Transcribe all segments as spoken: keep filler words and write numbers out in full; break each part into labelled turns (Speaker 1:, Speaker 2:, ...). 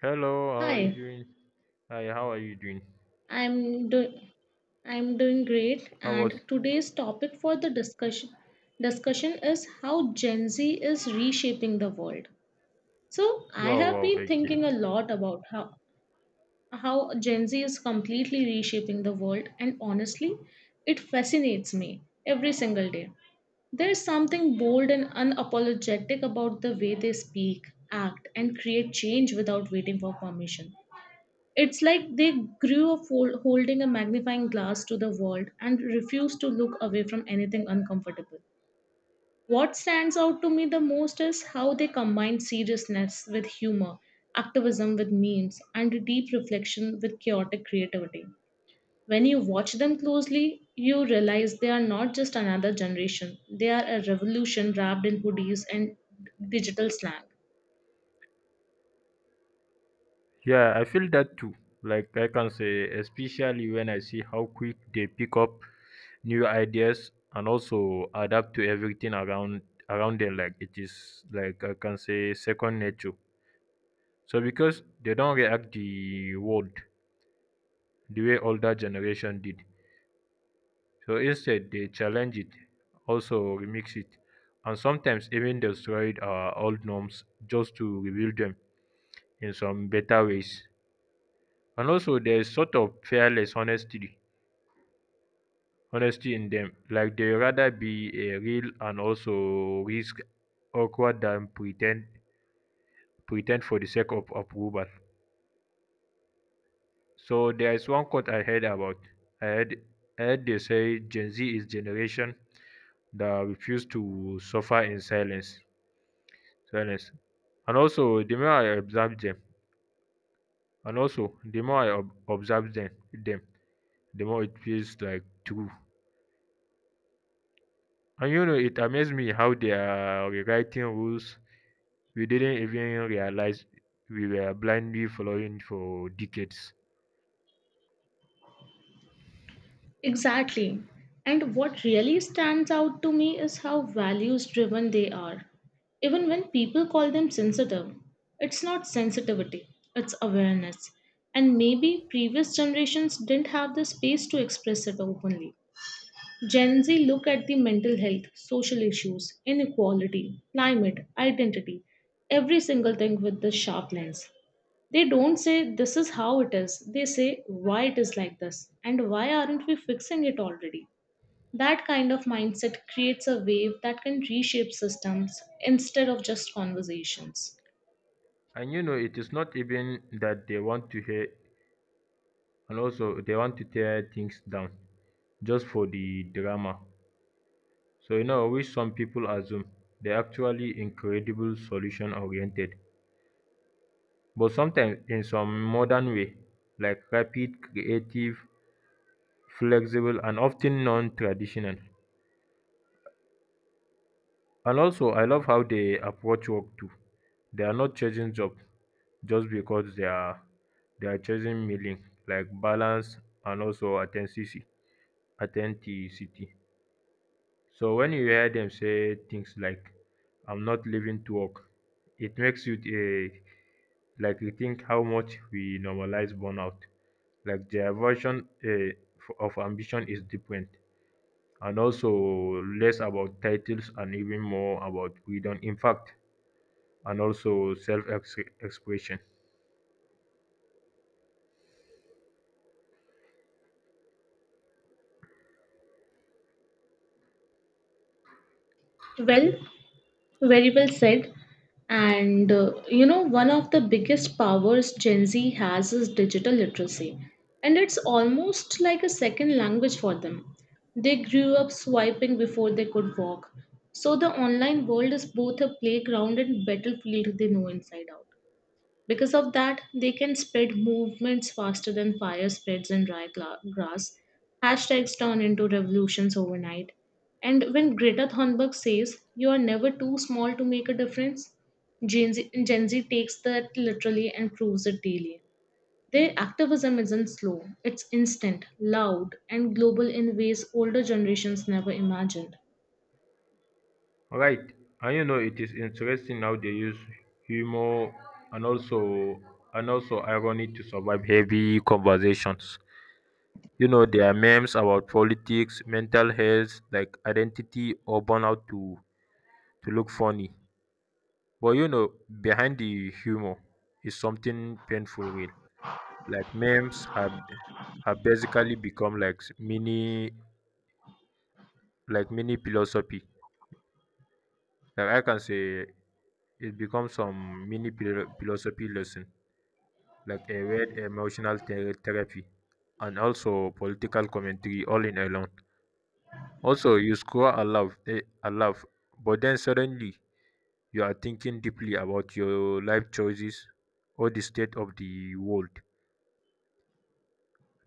Speaker 1: Hello, how are you
Speaker 2: Hi,
Speaker 1: doing? Hi, how are you doing?
Speaker 2: I'm doing. I'm doing great,
Speaker 1: How
Speaker 2: and
Speaker 1: was?
Speaker 2: today's topic for the discussion discussion is how Gen Z is reshaping the world. So I
Speaker 1: Wow,
Speaker 2: have
Speaker 1: wow,
Speaker 2: been
Speaker 1: okay.
Speaker 2: thinking a lot about how how Gen Z is completely reshaping the world, and honestly it fascinates me every single day. There's something bold and unapologetic about the way they speak, act and create change without waiting for permission. It's like they grew up hol- holding a magnifying glass to the world and refused to look away from anything uncomfortable. What stands out to me the most is how they combine seriousness with humor, activism with memes, and deep reflection with chaotic creativity. When you watch them closely, you realize they are not just another generation, they are a revolution wrapped in hoodies and digital slang.
Speaker 1: Yeah, I feel that too. Like I can say, especially when I see how quick they pick up new ideas and also adapt to everything around around them. Like it is like I can say second nature. So because they don't react the world the way older generation did, so instead, they challenge it, also remix it, and sometimes even destroyed our old norms just to rebuild them in some better ways. And also, there is sort of fearless honesty, honesty in them. Like they rather be a real and also risk awkward than pretend, pretend for the sake of approval. So there is one quote I heard about. I heard, I heard they say Gen Z is generation that refuse to suffer in silence. To be honest. And also, the more I observe them, and also the more I ob- observe them, them, the more it feels like true. And you know, it amazed me how they are rewriting rules we didn't even realize we were blindly following for decades.
Speaker 2: Exactly. And what really stands out to me is how values driven they are. Even when people call them sensitive, it's not sensitivity, it's awareness. And maybe previous generations didn't have the space to express it openly. Gen Z look at the mental health, social issues, inequality, climate, identity, every single thing with this sharp lens. They don't say this is how it is, they say why it is like this and why aren't we fixing it already. That kind of mindset creates a wave that can reshape systems instead of just conversations.
Speaker 1: And you know, it is not even that they want to hear, and also they want to tear things down just for the drama. So you know, which some people assume they're actually incredible solution oriented but sometimes in some modern way like rapid, creative, flexible and often non non-traditional. And also I love how they approach work too. They are not chasing jobs just because they are they are chasing meaning like balance and also authenticity authenticity. So when you hear them say things like "I'm not leaving to work," it makes you eh, like rethink how much we normalize burnout. Like their version eh, of ambition is different, and also less about titles and even more about freedom. In fact, and also self-expression.
Speaker 2: Well, very well said. And uh, you know, one of the biggest powers Gen Z has is digital literacy. And it's almost like a second language for them. They grew up swiping before they could walk. So the online world is both a playground and battlefield they know inside out. Because of that, they can spread movements faster than fire spreads in dry gla- grass. Hashtags turn into revolutions overnight. And when Greta Thunberg says, "You are never too small to make a difference," Gen Z, Gen Z takes that literally and proves it daily. Their activism isn't slow, it's instant, loud, and global in ways older generations never imagined.
Speaker 1: Right, and you know it is interesting how they use humor and also and also irony to survive heavy conversations. You know, there are memes about politics, mental health, like identity or burnout to to look funny. But you know, behind the humor is something painful real. Like memes have have basically become like s- mini like mini philosophy. Like I can say it becomes some mini philo- philosophy lesson, like a weird emotional ther- therapy and also political commentary all in alone. Also, you score a aloud, eh, aloud, but then suddenly you are thinking deeply about your life choices or the state of the world.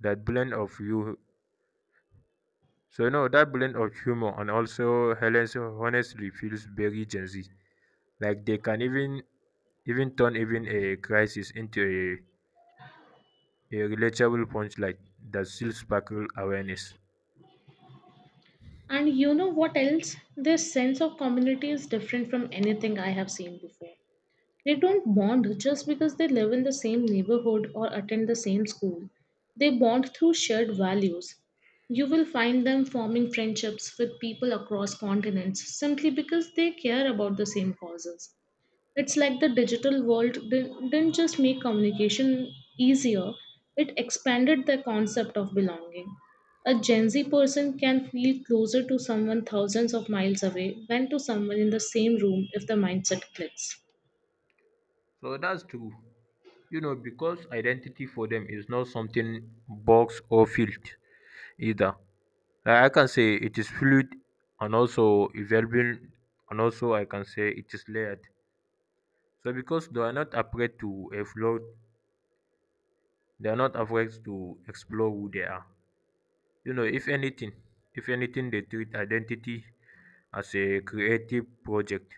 Speaker 1: That blend of you, so no, that blend of humor and also Helen's honestly feels very Gen Z. Like they can even even turn even a crisis into a, a relatable punchline that still sparkle awareness.
Speaker 2: And you know what else? Their sense of community is different from anything I have seen before. They don't bond just because they live in the same neighborhood or attend the same school. They bond through shared values. You will find them forming friendships with people across continents simply because they care about the same causes. It's like the digital world di- didn't just make communication easier, it expanded the concept of belonging. A Gen Z person can feel closer to someone thousands of miles away than to someone in the same room if the mindset clicks.
Speaker 1: So that's true. You know, because identity for them is not something box or field either. Like I can say it is fluid and also evolving and also I can say it is layered. So because they are not afraid to explore they are not afraid to explore who they are. You know, if anything, if anything they treat identity as a creative project.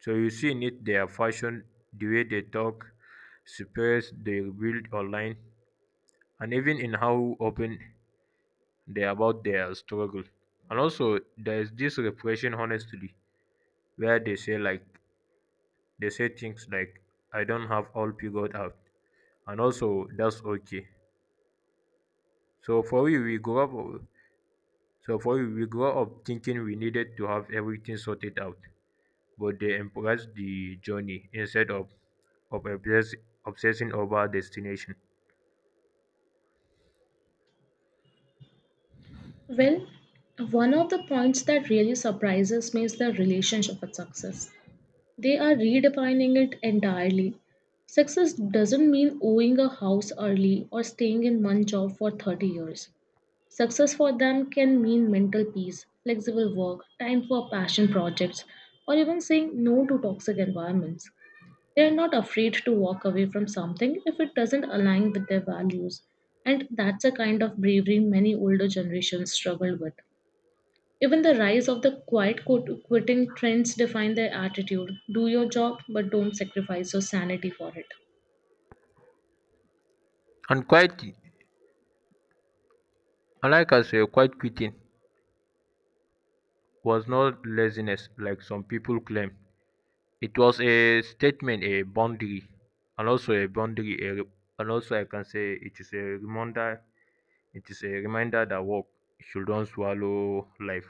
Speaker 1: So you see in it their fashion, the way they talk, space they build online and even in how open they are about their struggle. And also there is this repression honestly where they say like they say things like I don't have all figured out and also that's okay. So for we we grow up so for we we grow up thinking we needed to have everything sorted out. But they embrace the journey instead of of obsess- obsessing over destination.
Speaker 2: Well, one of the points that really surprises me is the relationship with success. They are redefining it entirely. Success doesn't mean owning a house early or staying in one job for thirty years. Success for them can mean mental peace, flexible work, time for passion projects, or even saying no to toxic environments. They are not afraid to walk away from something if it doesn't align with their values. And that's a kind of bravery many older generations struggle with. Even the rise of the quiet quit- quitting trends define their attitude. Do your job, but don't sacrifice your sanity for it.
Speaker 1: And quite and like I say, quite quitting was not laziness like some people claim. It was a statement, a boundary, and also a boundary, a, re- and also I can say it is a reminder. It is a reminder that work should not swallow life.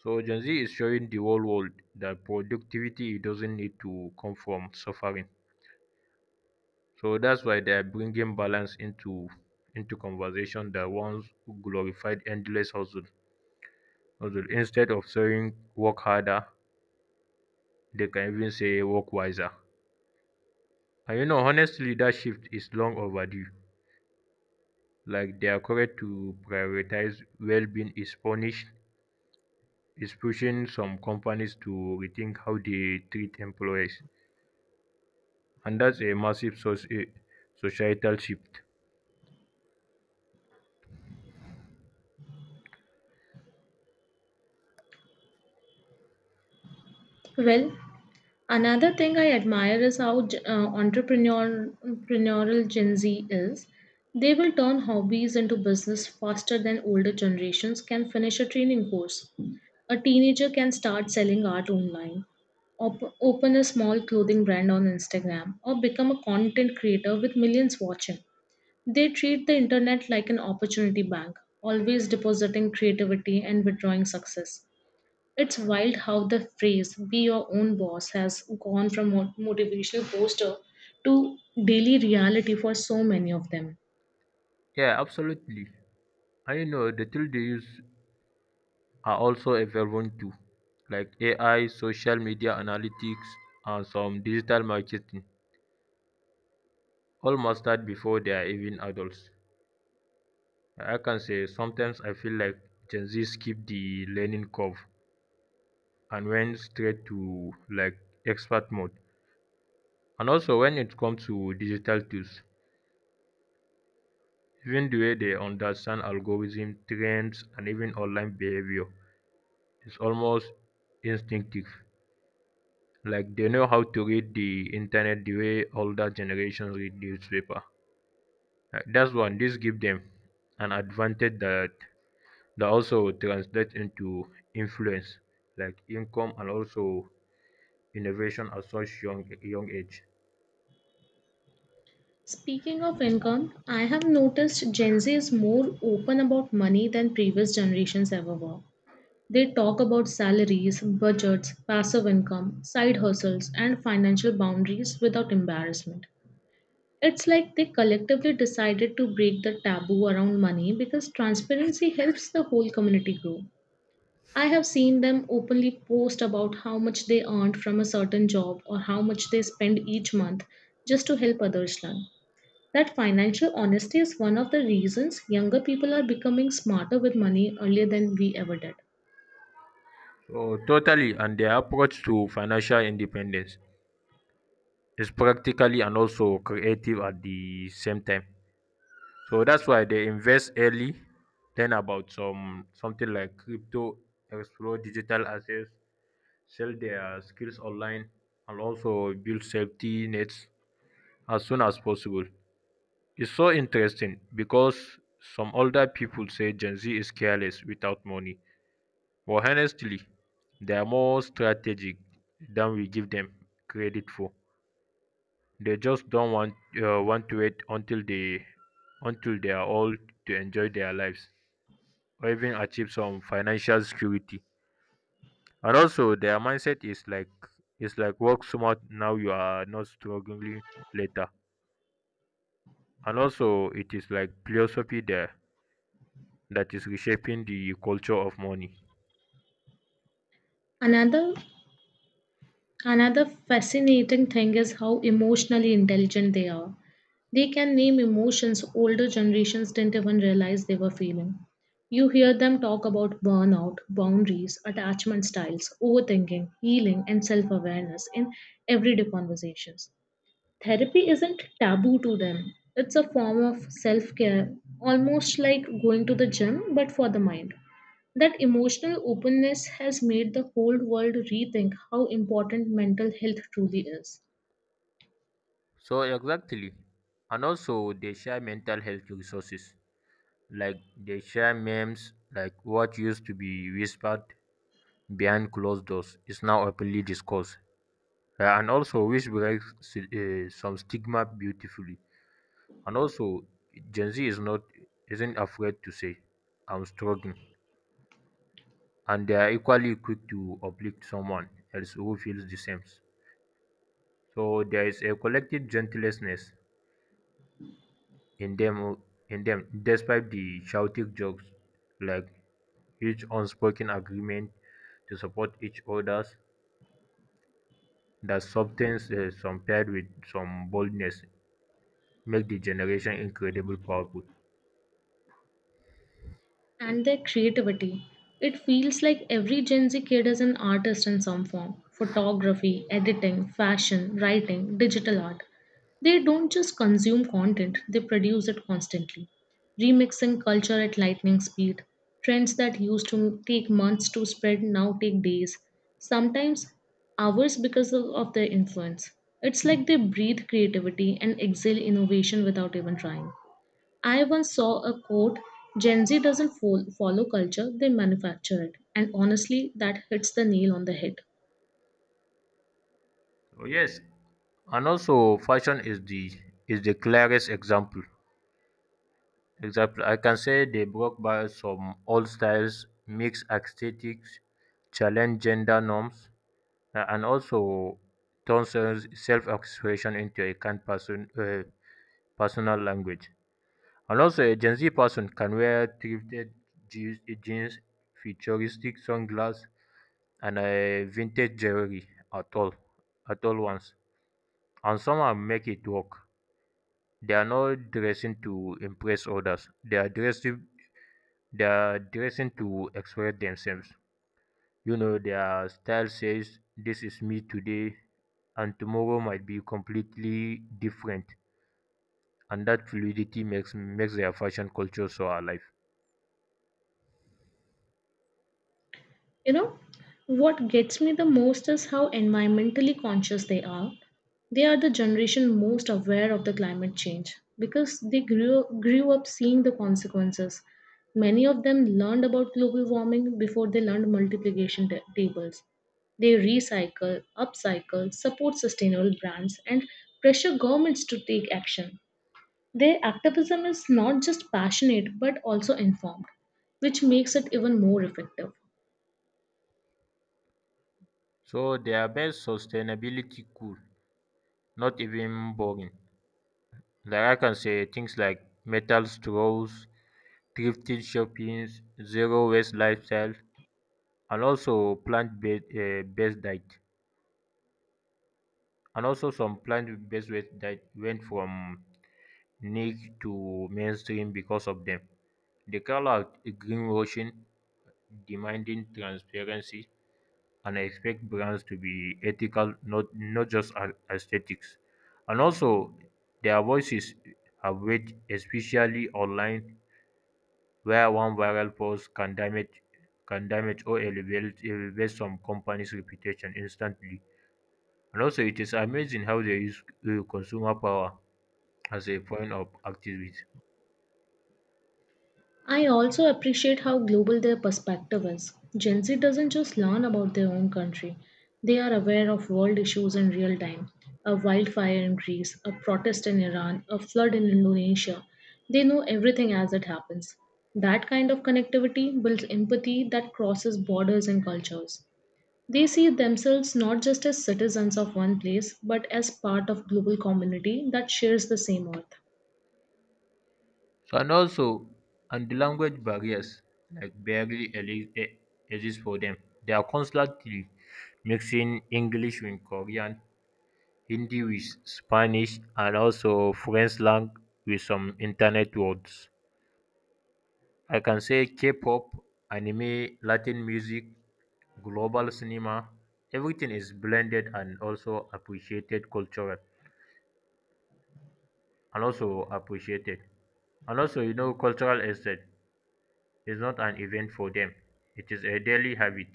Speaker 1: So Gen Z is showing the whole world that productivity doesn't need to come from suffering. So that's why they are bringing balance into into conversation that once glorified endless hustle. hustle. Instead of saying work harder, they can even say work wiser. And you know, honestly, that shift is long overdue. Like their courage to prioritize well-being is punished, is pushing some companies to rethink how they treat employees, and that's a massive source, a societal shift.
Speaker 2: Well, another thing I admire is how uh, entrepreneur, entrepreneurial Gen Z is. They will turn hobbies into business faster than older generations can finish a training course. A teenager can start selling art online, op- open a small clothing brand on Instagram, or become a content creator with millions watching. They treat the internet like an opportunity bank, always depositing creativity and withdrawing success. It's wild how the phrase "be your own boss" has gone from mo- motivational poster to daily reality for so many of them.
Speaker 1: Yeah, absolutely. I know the tools they use are also evolving too, like A I, social media analytics, and some digital marketing. All mastered before they are even adults. I can say sometimes I feel like Gen Z skip the learning curve and went straight to like expert mode. And also when it comes to digital tools, even the way they understand algorithm trends and even online behavior is almost instinctive. Like they know how to read the internet the way older generations read newspaper. Uh, That's one. This give them an advantage that that also translates into influence, like income and also innovation at such young young age.
Speaker 2: Speaking of income, I have noticed Gen Z is more open about money than previous generations ever were. They talk about salaries, budgets, passive income, side hustles, and financial boundaries without embarrassment. It's like they collectively decided to break the taboo around money because transparency helps the whole community grow. I have seen them openly post about how much they earned from a certain job or how much they spend each month just to help others learn. That financial honesty is one of the reasons younger people are becoming smarter with money earlier than we ever did.
Speaker 1: Oh, totally. And their approach to financial independence is practically and also creative at the same time. So that's why they invest early, learn about some something like crypto, explore digital assets, sell their skills online, and also build safety nets as soon as possible. It's so interesting because some older people say Gen Z is careless without money, but honestly, they are more strategic than we give them credit for. They just don't want uh, want to wait until they until they are old to enjoy their lives or even achieve some financial security. And also, their mindset is like it's like work smart now you are not struggling later. And also, it is like philosophy there that is reshaping the culture of money.
Speaker 2: Another Another fascinating thing is how emotionally intelligent they are. They can name emotions older generations didn't even realize they were feeling. You hear them talk about burnout, boundaries, attachment styles, overthinking, healing, and self awareness in everyday conversations. Therapy isn't taboo to them, it's a form of self care, almost like going to the gym but for the mind. That emotional openness has made the whole world rethink how important mental health truly is.
Speaker 1: So exactly, and also they share mental health resources like they share memes like what used to be whispered behind closed doors is now openly discussed. Uh, and also which breaks uh, some stigma beautifully and also gen z is not isn't afraid to say I'm struggling, and they are equally quick to uplift someone else who feels the same. So there is a collective gentleness in them in them despite the shouting jokes, like huge unspoken agreement to support each other's, that substance uh, some paired with some boldness make the generation incredibly powerful.
Speaker 2: And their creativity. It feels like every Gen Z kid is an artist in some form: photography, editing, fashion, writing, digital art. They don't just consume content, they produce it constantly, remixing culture at lightning speed. Trends that used to take months to spread now take days, sometimes hours because of, of their influence. It's like they breathe creativity and exhale innovation without even trying. I once saw a quote: Gen Z doesn't fol- follow culture, they manufacture it. And honestly, that hits the nail on the head.
Speaker 1: So yes, and also fashion is the is the clearest example example I can say they broke by some old styles, mixed aesthetics, challenge gender norms. Uh, and also turns self-expression into a kind person uh, personal language. And also, a Gen Z person can wear thrifted jeans, jeans futuristic sunglasses, and a vintage jewelry at all, at all once. And somehow make it work. They are not dressing to impress others. They are dressing, they are dressing to express themselves. You know, their style says this is me today and tomorrow might be completely different, and that fluidity makes makes their fashion culture so alive.
Speaker 2: You know, what gets me the most is how environmentally conscious they are. They are the generation most aware of the climate change because they grew, grew up seeing the consequences. Many of them learned about global warming before they learned multiplication ta- tables. They recycle, upcycle, support sustainable brands, and pressure governments to take action. Their activism is not just passionate but also informed, which makes it even more effective.
Speaker 1: So their best sustainability cool, not even boring. Like I can say things like metal straws, thrifted shoppings, zero waste lifestyle, and also plant based, uh, based diet. And also some plant based diet went from niche to mainstream because of them. They call out greenwashing, demanding transparency, and expect brands to be ethical, not, not just a- aesthetics. And also, their voices have weight, especially online, where one viral post can damage can damage or elevate, elevate some company's reputation instantly. And also, it is amazing how they use uh, consumer power as a point of activism.
Speaker 2: I also appreciate how global their perspective is. Gen Z doesn't just learn about their own country, they are aware of world issues in real time. A wildfire in Greece, a protest in Iran, a flood in Indonesia. They know everything as it happens. That kind of connectivity builds empathy that crosses borders and cultures. They see themselves not just as citizens of one place, but as part of global community that shares the same earth.
Speaker 1: So, And also, and the language barriers like barely eli- e- exist for them. They are constantly mixing English with Korean, Hindi with Spanish, and also French slang with some internet words. I can say K-pop, anime, Latin music, global cinema. Everything is blended and also appreciated cultural, and also appreciated, and also you know cultural estate is not an event for them. It is a daily habit.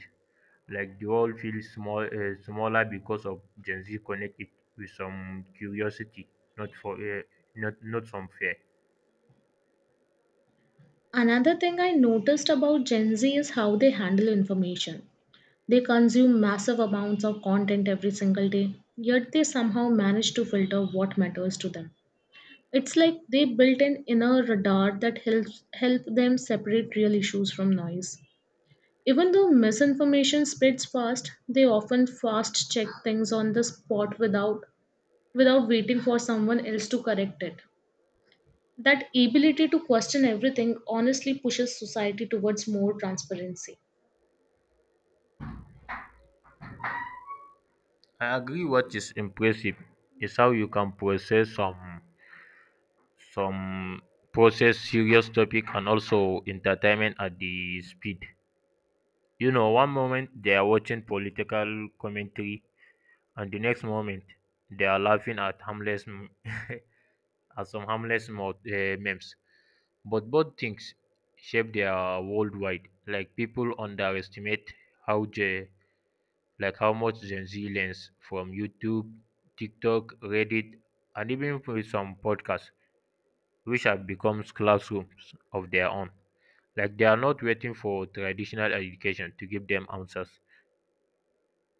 Speaker 1: Like the world feels small, uh, smaller because of Gen Z connect it with some curiosity, not for uh, not not some fear.
Speaker 2: Another thing I noticed about Gen Z is how they handle information. They consume massive amounts of content every single day, yet they somehow manage to filter what matters to them. It's like they built an inner radar that helps help them separate real issues from noise. Even though misinformation spreads fast, they often fast check things on the spot without without waiting for someone else to correct it. That ability to question everything honestly pushes society towards more transparency.
Speaker 1: I agree. What is impressive is how you can process some some process serious topic and also entertainment at the speed. You know, one moment they are watching political commentary, and the next moment they are laughing at harmless m- as some harmless mo- eh, memes. But both things shape their worldwide. Like people underestimate how J, like how much Gen Z learns from YouTube, TikTok, Reddit, and even from some podcasts, which have become classrooms of their own. Like they are not waiting for traditional education to give them answers.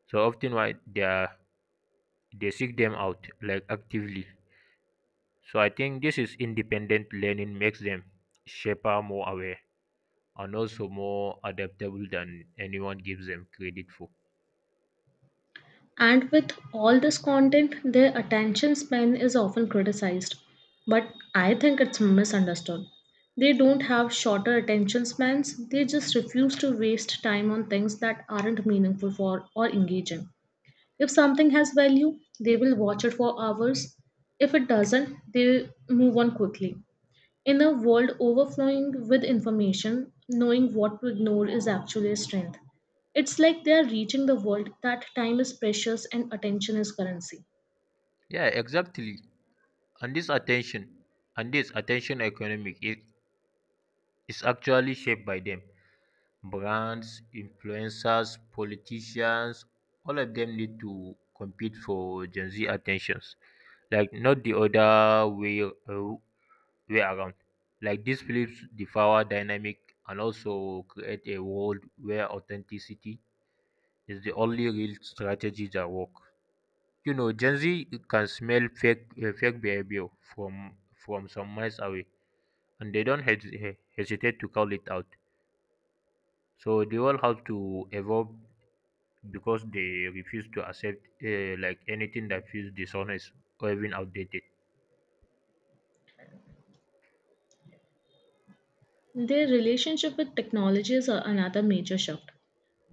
Speaker 1: So often, why they are they seek them out like actively. So I think this is independent learning makes them shaper more aware, and also more adaptable than anyone gives them credit for.
Speaker 2: And with all this content, their attention span is often criticized. But I think it's misunderstood. They don't have shorter attention spans, they just refuse to waste time on things that aren't meaningful for or engaging. If something has value, they will watch it for hours. If it doesn't, they move on quickly. In a world overflowing with information, knowing what to ignore is actually a strength. It's like they are reaching the world that time is precious and attention is currency.
Speaker 1: Yeah, exactly. And this attention and this attention economic it is actually shaped by them. Brands, influencers, politicians, all of them need to compete for Gen Z attentions. Like not the other way uh, way around. Like this flips the power dynamic and also create a world where authenticity is the only real strategy that work. You know, Gen Z can smell fake uh, fake behavior from from some miles away, and they don't hes- he- hesitate to call it out. So they all have to evolve because they refuse to accept uh, like anything that feels dishonest or even outdated.
Speaker 2: Their relationship with technology is a- another major shift.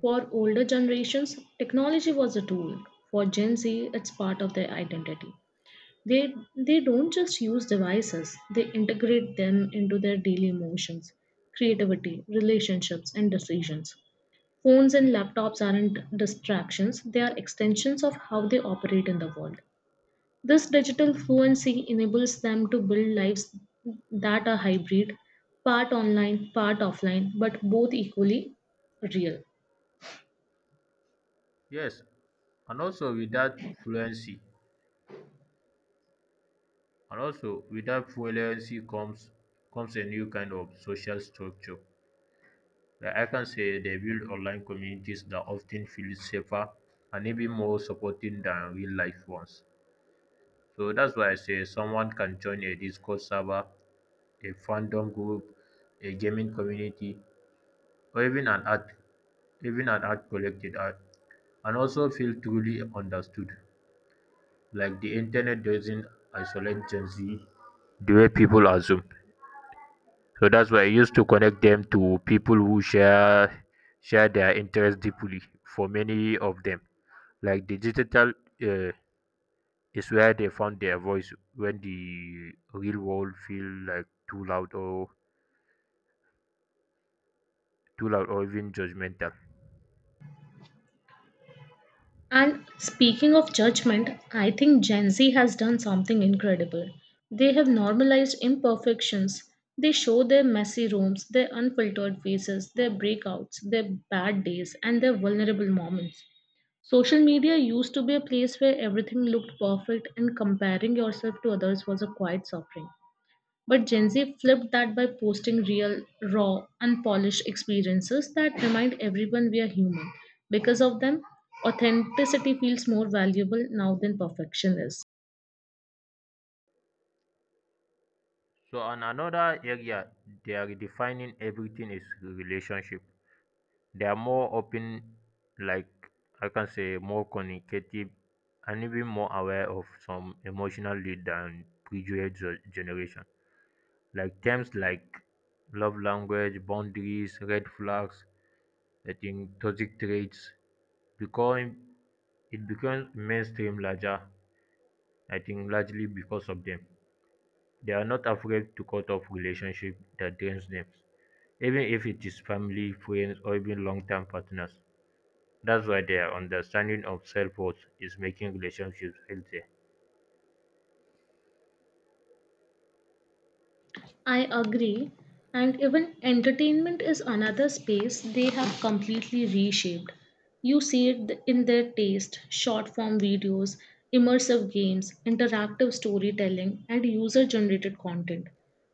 Speaker 2: For older generations, technology was a tool. For Gen Z, it's part of their identity. They, they don't just use devices, they integrate them into their daily emotions, creativity, relationships, and decisions. Phones and laptops aren't distractions, they are extensions of how they operate in the world. This digital fluency enables them to build lives that are hybrid, part online, part offline, but both equally real.
Speaker 1: Yes, and also with that fluency, and also with that fluency comes comes a new kind of social structure. I can say they build online communities that often feel safer and even more supporting than real life ones. So that's why I say someone can join a Discord server, a fandom group, a gaming community, or even an art even an art collected art and also feel truly understood. Like the internet doesn't isolate Gen Z the way people assume. So that's why I used to connect them to people who share share their interest deeply for many of them. Like the digital uh, is where they found their voice when the real world feel like too loud or too loud or even judgmental.
Speaker 2: And speaking of judgment, I think Gen Z has done something incredible. They have normalized imperfections. They show their messy rooms, their unfiltered faces, their breakouts, their bad days, and their vulnerable moments. Social media used to be a place where everything looked perfect and comparing yourself to others was a quiet suffering. But Gen Z flipped that by posting real, raw, unpolished experiences that remind everyone we are human. Because of them, authenticity feels more valuable now than perfection is.
Speaker 1: So on another area they are redefining everything is relationship. They are more open, like I can say more communicative and even more aware of some emotional lead than previous ge- generation. Like terms like love language, boundaries, red flags, I think toxic traits become it becomes mainstream larger, I think largely because of them. They are not afraid to cut off relationship that drains them, even if it is family, friends, or even long-term partners. That's why their understanding of self worth is making relationships healthy.
Speaker 2: I agree. And even entertainment is another space they have completely reshaped. You see it th- in their taste, short form videos, immersive games, interactive storytelling, and user generated content.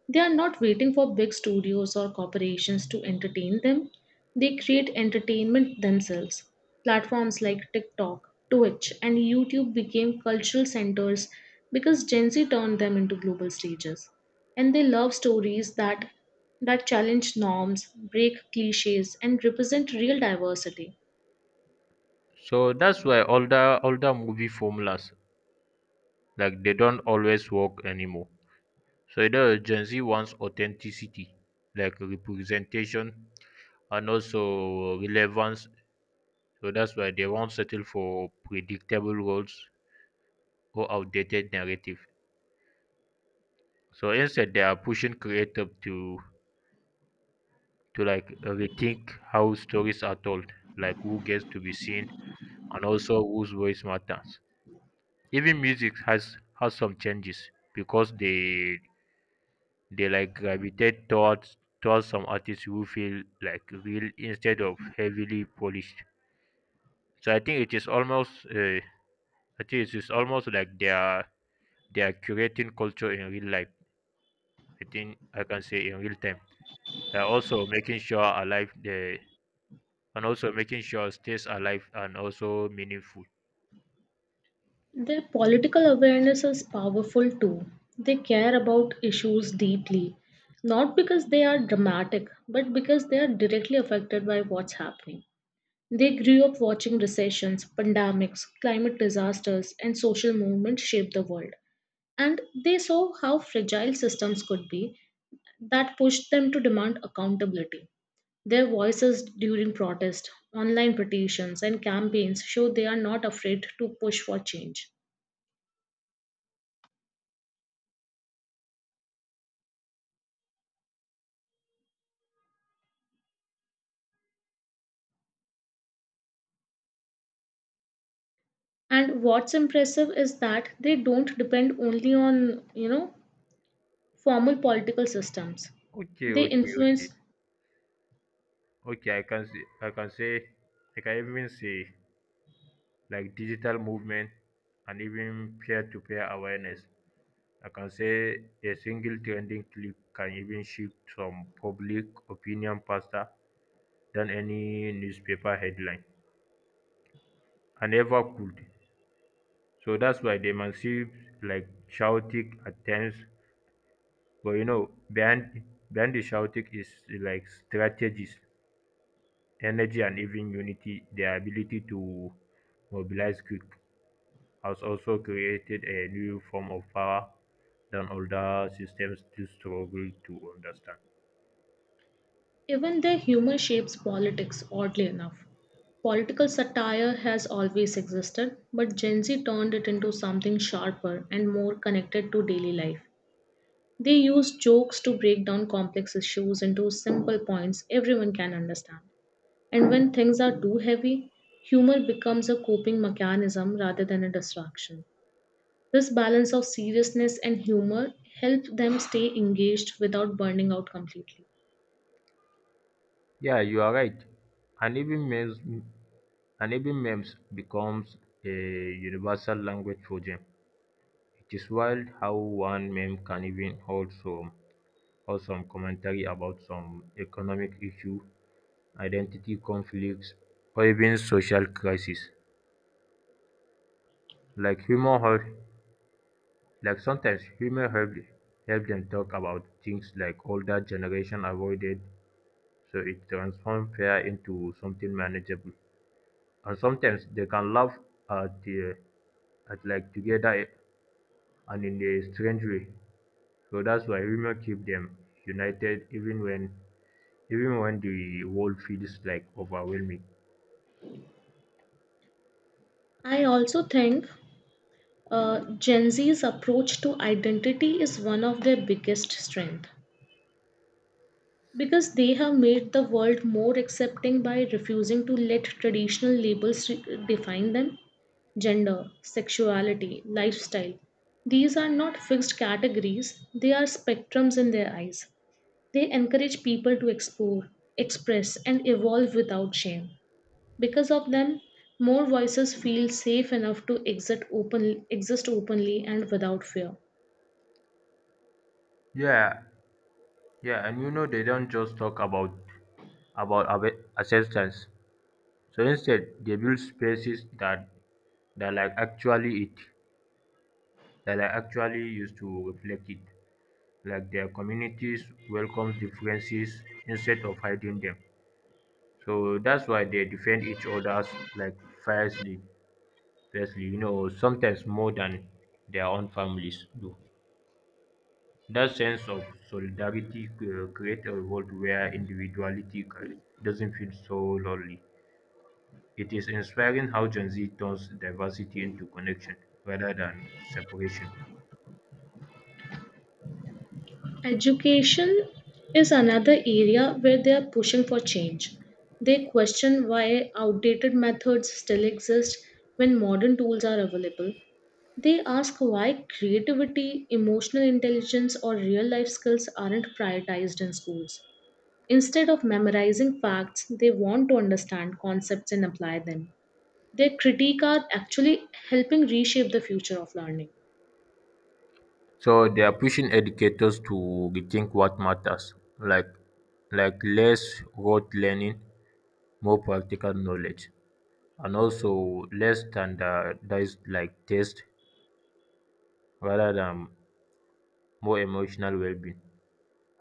Speaker 2: They are not waiting for big studios or corporations to entertain them. They create entertainment themselves. Platforms like TikTok, Twitch, and YouTube became cultural centers because Gen Z turned them into global stages, and they love stories that that challenge norms, break cliches, and represent real diversity.
Speaker 1: So that's why older older movie formulas like they don't always work anymore. So the Gen Z wants authenticity, like representation and also relevance. So that's why they won't settle for predictable roles or outdated narrative. So instead they are pushing creative to to like rethink how stories are told, like who gets to be seen and also whose voice matters. Even music has has some changes because they they like gravitate towards towards some artists who feel like real instead of heavily polished. So I think it is almost uh, I think it is almost like they are they are curating culture in real life. I think I can say in real time. They are also making sure alive the and also making sure stays alive and also meaningful.
Speaker 2: Their political awareness is powerful too. They care about issues deeply, not because they are dramatic, but because they are directly affected by what's happening. They grew up watching recessions, pandemics, climate disasters, and social movements shape the world. And they saw how fragile systems could be that pushed them to demand accountability. Their voices during protest, online petitions, and campaigns show they are not afraid to push for change. And what's impressive is that they don't depend only on, you know, formal political systems.
Speaker 1: Okay,
Speaker 2: They
Speaker 1: okay, okay.
Speaker 2: influence
Speaker 1: Okay, I can see, I can say, I can even say like digital movement and even peer-to-peer awareness. I can say a single trending clip can even shift some public opinion faster than any newspaper headline. I never could. So that's why they massive like shouting at times. But you know, behind behind the shouting is like strategies, energy and even unity, their ability to mobilize quick has also created a new form of power that older systems still struggle to understand.
Speaker 2: even their humor shapes politics, oddly enough. Political satire has always existed, but Gen Z turned it into something sharper and more connected to daily life. They use jokes to break down complex issues into simple points everyone can understand. And when things are too heavy, humor becomes a coping mechanism rather than a distraction. This balance of seriousness and humor helps them stay engaged without burning out completely.
Speaker 1: Yeah, you are right. And even memes, and Even memes becomes a universal language for them. It is wild how one meme can even hold some, hold some commentary about some economic issue, identity conflicts, or even social crisis. Like humor, hold Like sometimes humor helped help them talk about things like older generation avoided, so it transforms fear into something manageable. And sometimes they can laugh at the at like together and in a strange way. So that's why humor keep them united even when even when the world feels like overwhelming.
Speaker 2: I also think uh, Gen Z's approach to identity is one of their biggest strength because they have made the world more accepting by refusing to let traditional labels re- define them. Gender, sexuality, lifestyle. These are not fixed categories, they are spectrums in their eyes. They encourage people to explore, express, and evolve without shame. Because of them, more voices feel safe enough to exit open, exist openly and without fear.
Speaker 1: Yeah, yeah, and you know they don't just talk about about ab- acceptance. So instead, they build spaces that that like actually it that like actually used to reflect it. Like their communities welcome differences instead of hiding them. So that's why they defend each other's like fiercely, fiercely, you know, sometimes more than their own families do. That sense of solidarity uh, creates a world where individuality ca- doesn't feel so lonely. It is inspiring how Gen Z turns diversity into connection rather than separation.
Speaker 2: Education is another area where they are pushing for change. They question why outdated methods still exist when modern tools are available. They ask why creativity, emotional intelligence, or real life skills aren't prioritized in schools. Instead of memorizing facts, they want to understand concepts and apply them. Their critique are actually helping reshape the future of learning.
Speaker 1: So they are pushing educators to rethink what matters, like like less rote learning, more practical knowledge, and also less standardized like test rather than more emotional well-being.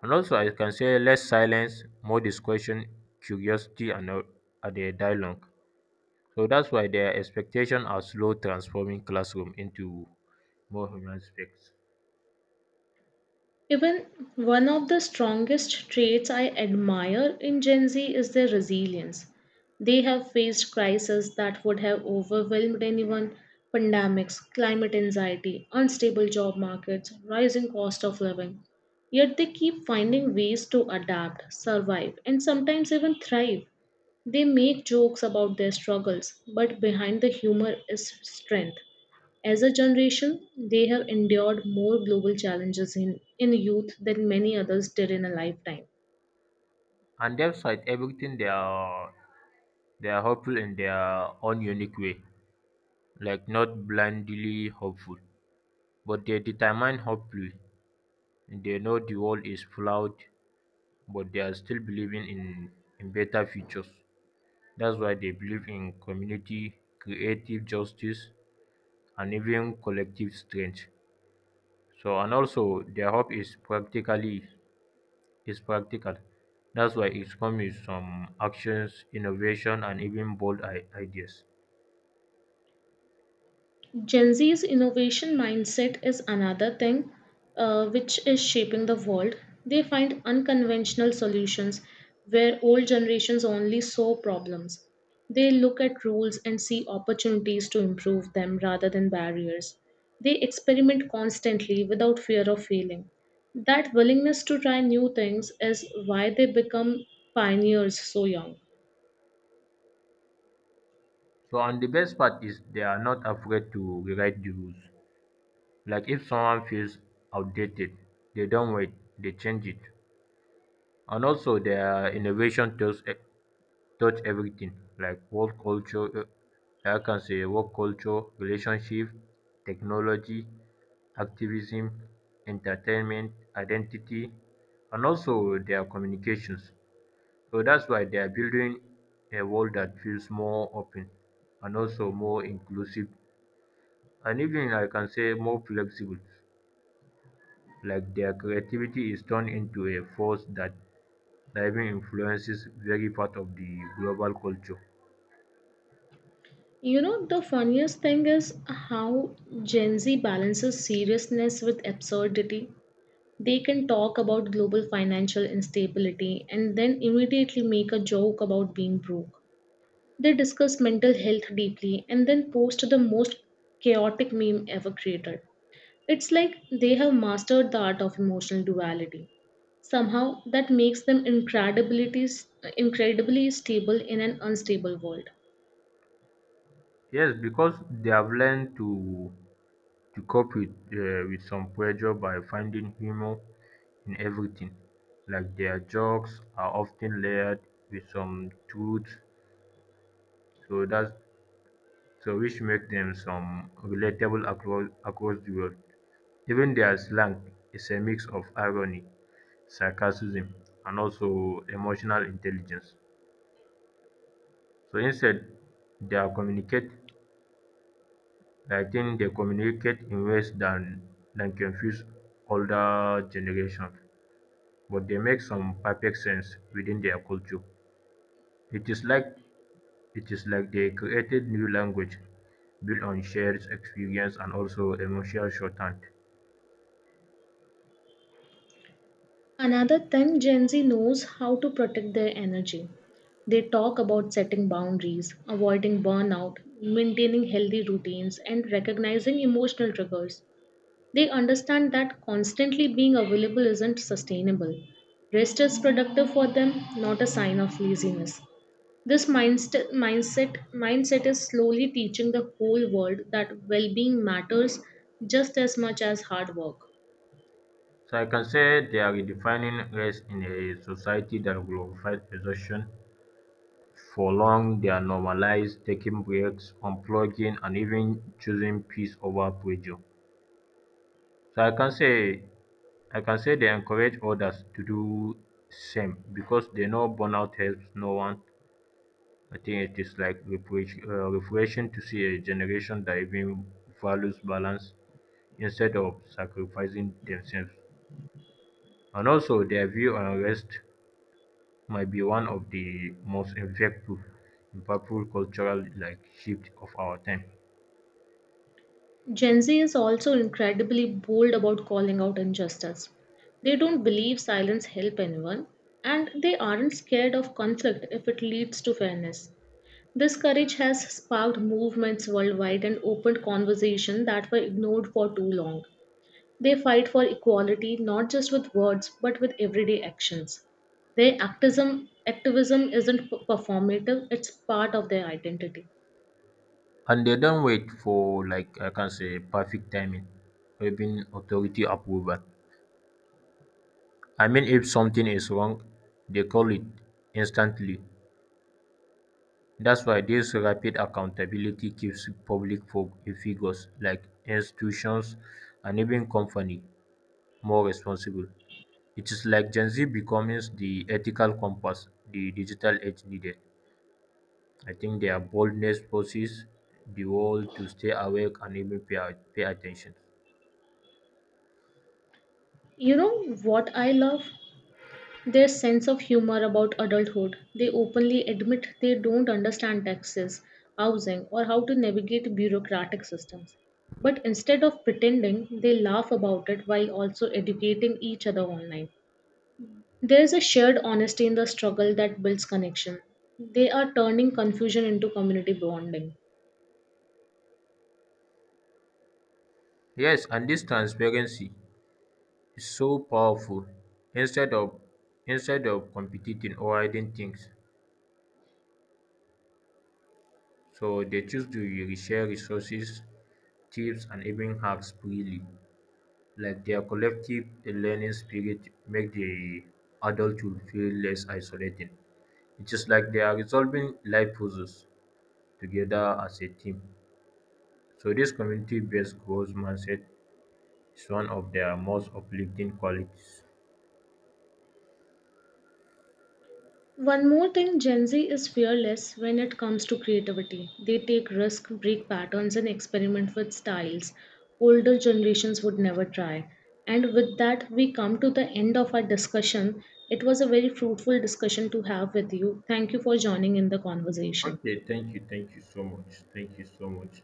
Speaker 1: And also I can say less silence, more discussion, curiosity, and uh, and a dialogue. So that's why their expectations are slow transforming classroom into more human space.
Speaker 2: Even one of the strongest traits I admire in Gen Z is their resilience. They have faced crises that would have overwhelmed anyone: pandemics, climate anxiety, unstable job markets, rising cost of living. Yet they keep finding ways to adapt, survive, and sometimes even thrive. They make jokes about their struggles, but behind the humor is strength. As a generation, they have endured more global challenges in, in youth than many others did in a lifetime.
Speaker 1: And despite everything they are they are hopeful in their own unique way, like not blindly hopeful, but they determine hopefully. They know the world is flawed, but they are still believing in, in better futures. That's why they believe in community, creative justice, and even collective strength. So, and also their hope is practically is practical. That's why it's come with some actions, innovation, and even bold i- ideas.
Speaker 2: Gen Z's innovation mindset is another thing uh, which is shaping the world. They find unconventional solutions where old generations only saw problems. They look at rules and see opportunities to improve them rather than barriers. They experiment constantly without fear of failing. That willingness to try new things is why they become pioneers so young.
Speaker 1: So, and the best part is they are not afraid to rewrite the rules. Like if someone feels outdated, they don't wait, they change it. And also, their innovation touch, touch everything, like work culture. Uh, I can say work culture, relationship, technology, activism, entertainment, identity, and also their communications. So that's why they are building a world that feels more open and also more inclusive and even I can say more flexible. Like their creativity is turned into a force that that even influences very part of the global culture.
Speaker 2: You know, the funniest thing is how Gen Z balances seriousness with absurdity. They can talk about global financial instability and then immediately make a joke about being broke. They discuss mental health deeply and then post the most chaotic meme ever created. It's like they have mastered the art of emotional duality. Somehow, that makes them incredibly, incredibly stable in an unstable world.
Speaker 1: Yes, because they have learned to to cope with uh, with some pressure by finding humor in everything. Like their jokes are often layered with some truth, so that's so which make them some relatable across across the world. Even their slang is a mix of irony, sarcasm, and also emotional intelligence. So instead, they are communicate. I think they communicate in ways than than confuse older generations, but they make some perfect sense within their culture. It is like it is like they created new language built on shared experience and also emotional shorthand.
Speaker 2: Another thing, Gen Z knows how to protect their energy. They talk about setting boundaries, avoiding burnout, maintaining healthy routines, and recognizing emotional triggers. They understand that constantly being available isn't sustainable. Rest is productive for them, not a sign of laziness. This mindset mindset mindset is slowly teaching the whole world that well-being matters just as much as hard work.
Speaker 1: So I can say they are redefining race in a society that glorifies exhaustion, prolong their normalized taking breaks, unplugging, and even choosing peace over pressure. So I can say I can say they encourage others to do same because they know burnout helps no one. I think it is like refresh, uh, refreshing to see a generation that even values balance instead of sacrificing themselves. And also their view on rest might be one of the most impactful impactful cultural like shift of our time.
Speaker 2: Gen Z is also incredibly bold about calling out injustice. They don't believe silence helps anyone, and they aren't scared of conflict if it leads to fairness. This courage has sparked movements worldwide and opened conversations that were ignored for too long. They fight for equality not just with words but with everyday actions. Their activism activism isn't p- performative, it's part of their identity.
Speaker 1: And they don't wait for like I can say perfect timing or even authority approval. I mean if something is wrong, they call it instantly. That's why this rapid accountability keeps public fo- figures like institutions and even company more responsible. It is like Gen Z becomes the ethical compass the digital age needed. I think their boldness forces the world to stay awake and even pay, pay attention.
Speaker 2: You know what I love? Their sense of humor about adulthood. They openly admit they don't understand taxes, housing, or how to navigate bureaucratic systems. But instead of pretending, they laugh about it while also educating each other online. There is a shared honesty in the struggle that builds connection. They are turning confusion into community bonding.
Speaker 1: Yes, and this transparency is so powerful. Instead of instead of competing or hiding things, so they choose to re- share resources, tips, and even hacks freely. Like their collective learning spirit make the adulthood feel less isolating. It is like they are resolving life puzzles together as a team. So, this community based goals mindset is one of their most uplifting qualities.
Speaker 2: One more thing, Gen Z is fearless when it comes to creativity. They take risk, break patterns, and experiment with styles older generations would never try. And with that, we come to the end of our discussion. It was a very fruitful discussion to have with you. Thank you for joining in the conversation.
Speaker 1: Okay, thank you, thank you so much. Thank you so much.